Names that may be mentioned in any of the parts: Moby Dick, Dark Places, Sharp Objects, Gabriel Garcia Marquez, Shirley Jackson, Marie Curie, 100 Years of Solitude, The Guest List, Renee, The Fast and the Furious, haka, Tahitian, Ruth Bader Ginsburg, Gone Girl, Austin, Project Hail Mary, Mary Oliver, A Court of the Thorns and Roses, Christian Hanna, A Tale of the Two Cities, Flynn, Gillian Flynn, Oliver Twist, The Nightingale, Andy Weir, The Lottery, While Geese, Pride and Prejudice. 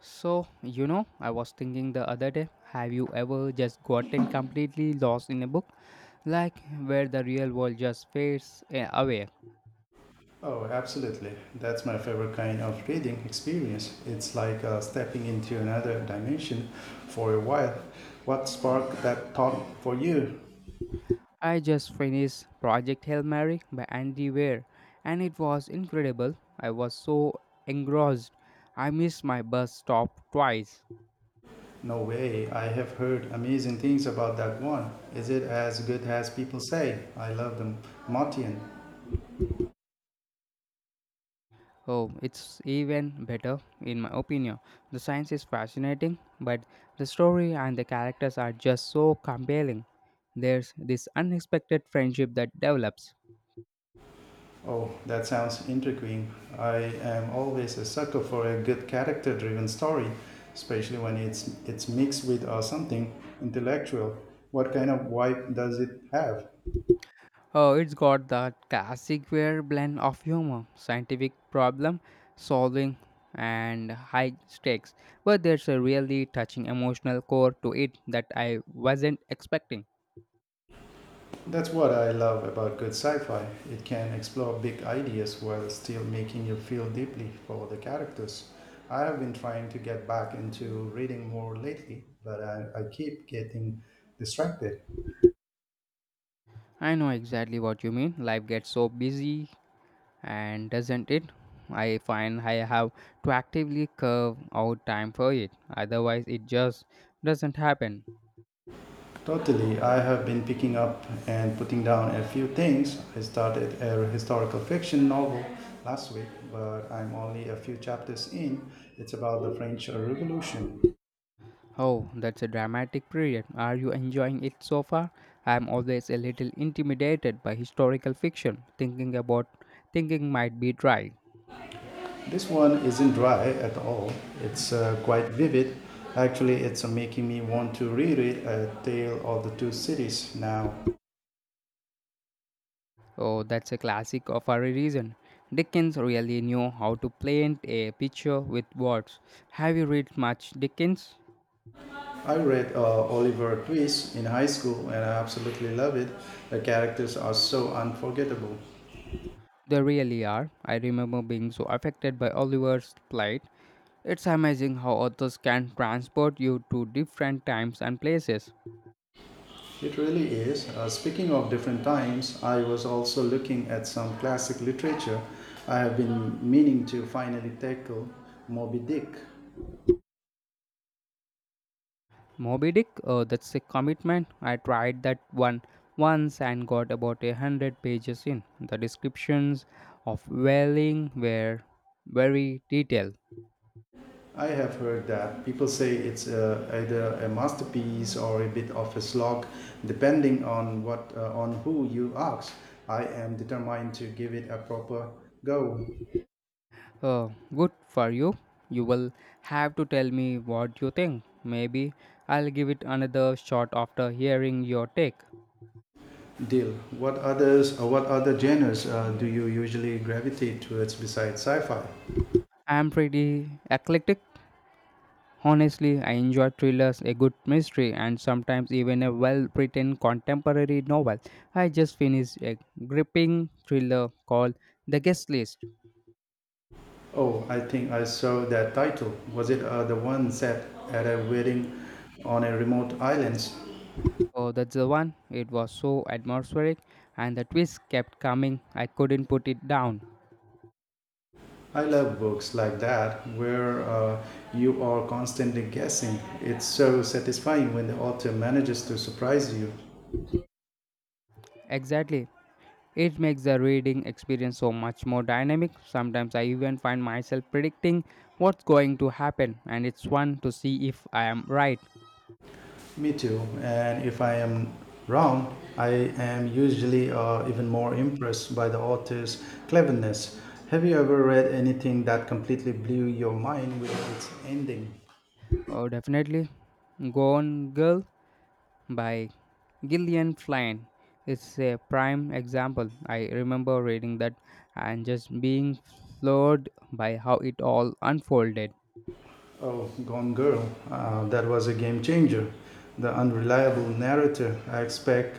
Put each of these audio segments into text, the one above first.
So, you know, I was thinking the other day, have you ever just gotten completely lost in a book? Like where the real world just fades away. Oh, absolutely. That's my favorite kind of reading experience. It's like stepping into another dimension for a while. What sparked that thought for you? I just finished Project Hail Mary by Andy Weir, and it was incredible. I was so engrossed. I missed my bus stop twice. No way. I have heard amazing things about that one. Is it as good as people say? I love the Martian. Oh, it's even better, in my opinion. The science is fascinating, but the story and the characters are just so compelling. There's this unexpected friendship that develops. Oh, that sounds intriguing. I am always a sucker for a good character-driven story, especially when it's mixed with something intellectual. What kind of vibe does it have? Oh, it's got that classic weird blend of humor, scientific problem solving, and high stakes. But there's a really touching emotional core to it that I wasn't expecting. That's what I love about good sci fi. It can explore big ideas while still making you feel deeply for the characters. I have been trying to get back into reading more lately, but I keep getting distracted. I know exactly what you mean. Life gets so busy, and doesn't it? I find I have to actively carve out time for it, otherwise, it just doesn't happen. Totally, I have been picking up and putting down a few things. I started a historical fiction novel last week, but I'm only a few chapters in. It's about the French Revolution. Oh, that's a dramatic period. Are you enjoying it so far? I'm always a little intimidated by historical fiction, thinking might be dry. This one isn't dry at all. It's quite vivid. Actually, it's making me want to reread A Tale of the Two Cities now. Oh, that's a classic of a reason. Dickens really knew how to paint a picture with words. Have you read much Dickens? I read Oliver Twist in high school and I absolutely love it. The characters are so unforgettable. They really are. I remember being so affected by Oliver's plight. It's amazing how authors can transport you to different times and places. It really is. Speaking of different times, I was also looking at some classic literature I have been meaning to finally tackle Moby Dick. Moby Dick, that's a commitment. I tried that one once and got about 100 pages in. The descriptions of whaling were very detailed. I have heard that people say it's either a masterpiece or a bit of a slog, depending on what on who you ask. I am determined to give it a proper go. Uh, Good for you. You will have to tell me what you think. Maybe I'll give it another shot after hearing your take. Deal. What other genres do you usually gravitate towards besides sci-fi? I'm pretty eclectic. Honestly, I enjoy thrillers, a good mystery, and sometimes even a well written contemporary novel. I just finished a gripping thriller called The Guest List. Oh, I think I saw that title. Was it the one set at a wedding on a remote island? Oh, that's the one. It was so atmospheric, and the twist kept coming. I couldn't put it down. I love books like that where you are constantly guessing. It's so satisfying when the author manages to surprise you. Exactly. It makes the reading experience so much more dynamic. Sometimes I even find myself predicting what's going to happen, and it's fun to see if I am right. Me too. And if I am wrong, I am usually even more impressed by the author's cleverness. Have you ever read anything that completely blew your mind with its ending? Oh, definitely. Gone Girl by Gillian Flynn is a prime example. I remember reading that and just being floored by how it all unfolded. Oh, Gone Girl. That was a game changer. The unreliable narrator I expect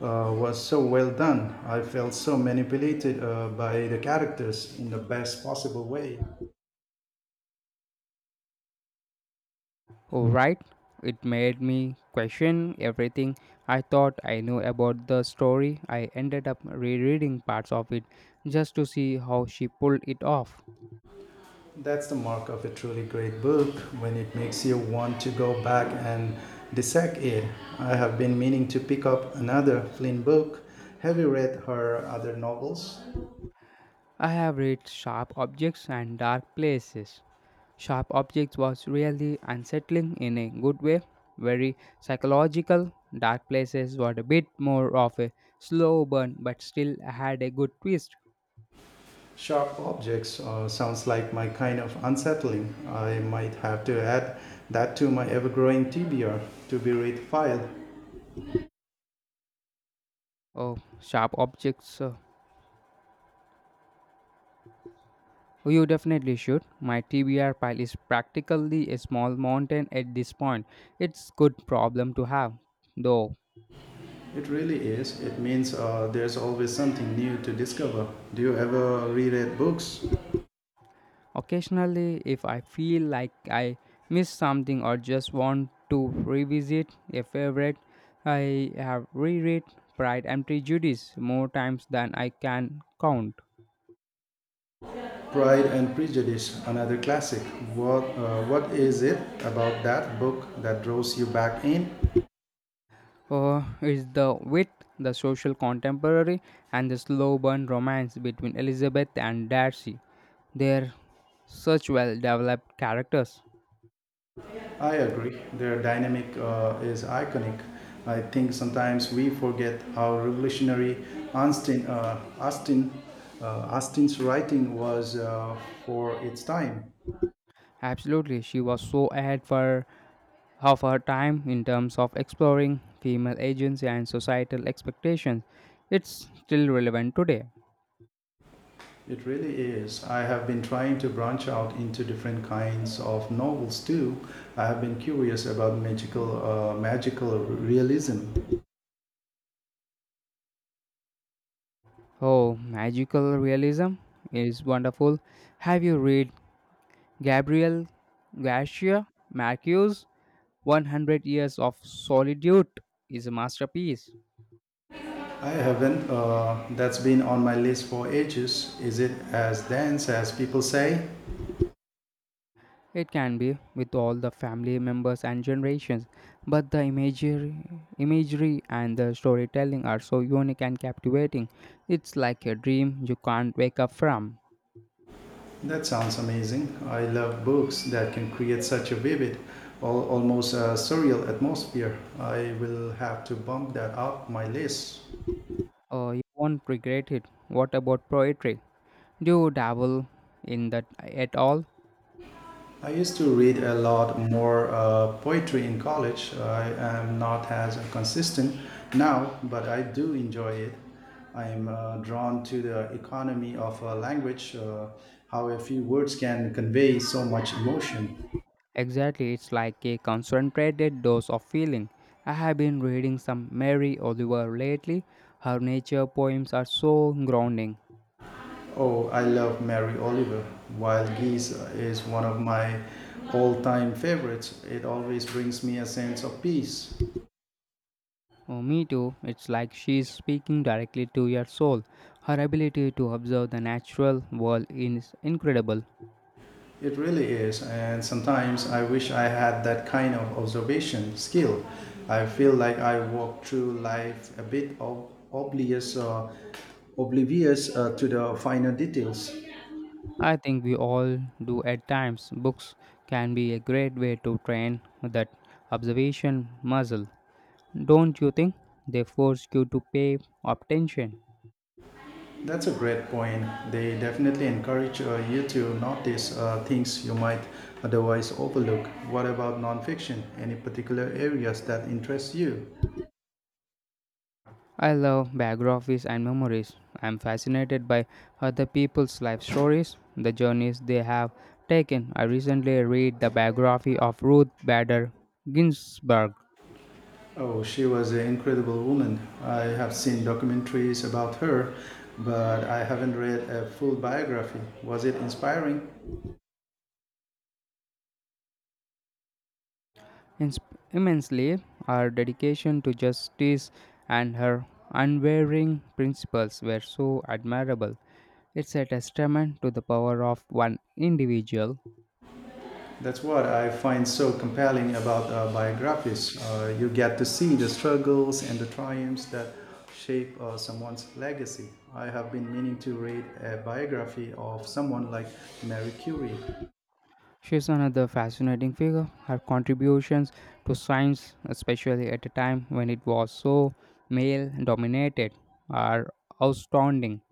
was so well done. I felt so manipulated by the characters in the best possible way. Oh, right. It made me question everything I thought I knew about the story. I ended up rereading parts of it just to see how she pulled it off. That's the mark of a truly great book when it makes you want to go back and dissect it. I have been meaning to pick up another Flynn book. Have you read her other novels? I have read Sharp Objects and Dark Places. Sharp Objects was really unsettling in a good way, very psychological. Dark Places were a bit more of a slow burn, but still had a good twist. Sharp objects sounds like my kind of unsettling. I might have to add that to my ever growing TBR to be read file. Oh, Sharp Objects. You definitely should. My TBR pile is practically a small mountain at this point. It's good problem to have, though. It really is. It means there's always something new to discover. Do you ever reread books? Occasionally, if I feel like I missed something or just want to revisit a favorite, I have reread Pride and Prejudice more times than I can count. Pride and Prejudice, another classic. What is it about that book that draws you back in? It's the width, the social contemporary, and the slow burn romance between Elizabeth and Darcy. They're such well developed characters. I agree. Their dynamic is iconic. I think sometimes we forget how revolutionary Austin, uh, Austin, Austin's writing was for its time. Absolutely, she was so ahead for of her time in terms of exploring female agency and societal expectations. It's still relevant today. It really is. I have been trying to branch out into different kinds of novels too. I have been curious about magical realism. Oh, magical realism is wonderful. Have you read Gabriel Garcia Marquez? 100 Years of Solitude is a masterpiece. I haven't. That's been on my list for ages. Is it as dense as people say? It can be with all the family members and generations, but the imagery and the storytelling are so unique and captivating. It's like a dream you can't wake up from. That sounds amazing. I love books that can create such a vivid, almost surreal atmosphere. I will have to bump that up my list. Oh, you won't regret it. What about poetry? Do you dabble in that at all? I used to read a lot more poetry in college. I am not as consistent now, but I do enjoy it. I am drawn to the economy of a language, how a few words can convey so much emotion. Exactly, it's like a concentrated dose of feeling. I have been reading some Mary Oliver lately. Her nature poems are so grounding. Oh, I love Mary Oliver. While Geese is one of my all time favorites, it always brings me a sense of peace. Oh, me too. It's like she's speaking directly to your soul. Her ability to observe the natural world is incredible. It really is, and sometimes I wish I had that kind of observation skill. I feel like I walk through life a bit oblivious to the finer details. I think we all do at times. Books can be a great way to train that observation muscle. Don't you think? They force you to pay attention. That's a great point. They definitely encourage you to notice things you might otherwise overlook. What about nonfiction? Any particular areas that interest you? I love biographies and memories. I'm fascinated by other people's life stories, the journeys they have taken. I recently read the biography of Ruth Bader Ginsburg. Oh, she was an incredible woman. I have seen documentaries about her, but I haven't read a full biography. Was it inspiring? Ins- Immensely, her dedication to justice and her unwavering principles were so admirable. It's a testament to the power of one individual. That's what I find so compelling about biographies. You get to see the struggles and the triumphs that shape someone's legacy. I have been meaning to read a biography of someone like Marie Curie. She's another fascinating figure. Her contributions to science, especially at a time when it was so male dominated, are astounding.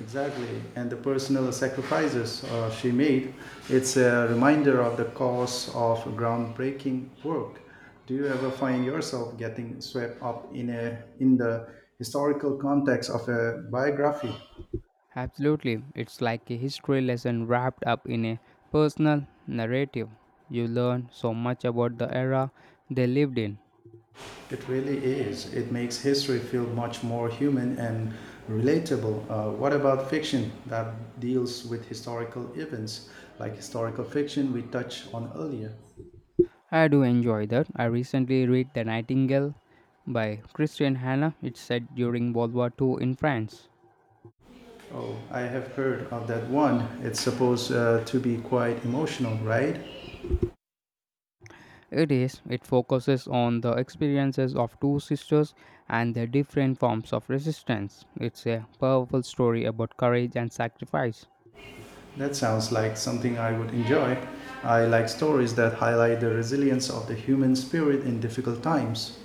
Exactly. And the personal sacrifices she made. It's a reminder of the cost of groundbreaking work. Do you ever find yourself getting swept up in the historical context of a biography? Absolutely, it's like a history lesson wrapped up in a personal narrative. You learn so much about the era they lived in. It really is. It makes history feel much more human and relatable. What about fiction that deals with historical events, like historical fiction we touched on earlier? I do enjoy that. I recently read The Nightingale by Christian Hanna. It's set during World War II in France. Oh, I have heard of that one. It's supposed to be quite emotional, right? It is. It focuses on the experiences of two sisters and their different forms of resistance. It's a powerful story about courage and sacrifice. That sounds like something I would enjoy. I like stories that highlight the resilience of the human spirit in difficult times.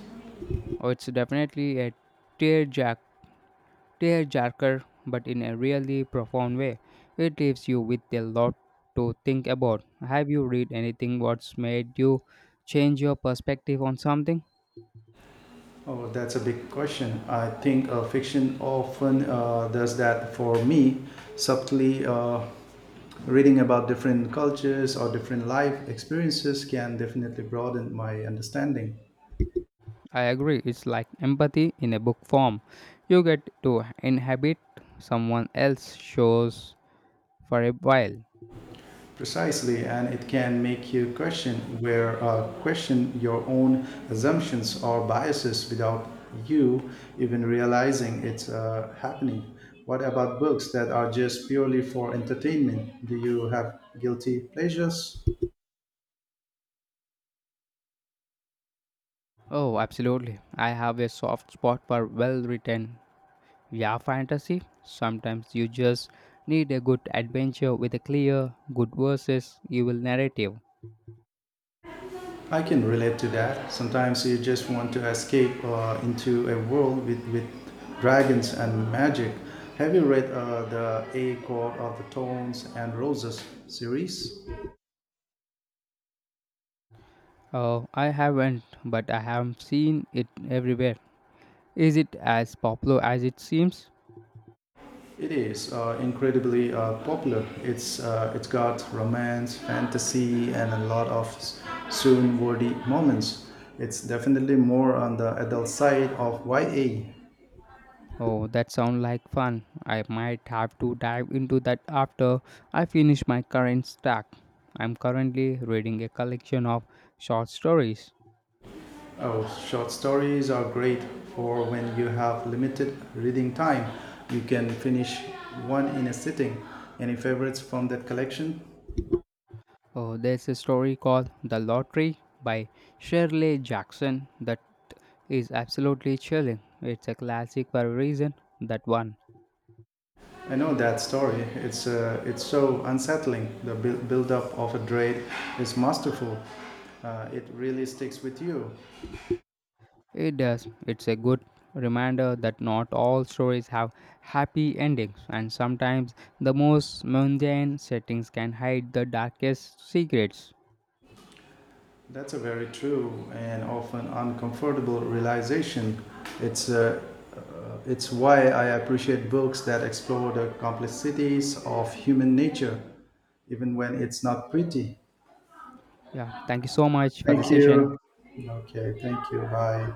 Oh, it's definitely a tearjerk- tearjerker, but in a really profound way. It leaves you with a lot to think about. Have you read anything what's made you change your perspective on something? Oh, that's a big question. I think fiction often does that for me, subtly, reading about different cultures or different life experiences can definitely broaden my understanding. I agree. It's like empathy in a book form. You get to inhabit someone else shows for a while. Precisely, and it can make you question your own assumptions or biases without you even realizing it's happening. What about books that are just purely for entertainment? Do you have guilty pleasures? Oh, absolutely. I have a soft spot for well written yeah fantasy. Sometimes you just need a good adventure with a clear, good versus evil narrative. I can relate to that. Sometimes you just want to escape into a world with dragons and magic. Have you read the A Court of the Thorns and Roses series? Oh, I haven't, but I have seen it everywhere. Is it as popular as it seems? It is incredibly popular. It's got romance, fantasy, and a lot of swoon worthy moments. It's definitely more on the adult side of YA. Oh, that sounds like fun. I might have to dive into that after I finish my current stack. I'm currently reading a collection of short stories. Oh, short stories are great for when you have limited reading time. You can finish one in a sitting. Any favorites from that collection? Oh, there's a story called The Lottery by Shirley Jackson that is absolutely chilling. It's a classic for a reason, that one. I know that story. It's so unsettling. The build up of a dread is masterful. It really sticks with you. It does. It's a good reminder that not all stories have happy endings, and sometimes the most mundane settings can hide the darkest secrets. That's a very true and often uncomfortable realization. It's uh, It's why I appreciate books that explore the complexities of human nature, even when it's not pretty. Yeah, thank you so much for the Thank session. you. Okay, thank you. Bye.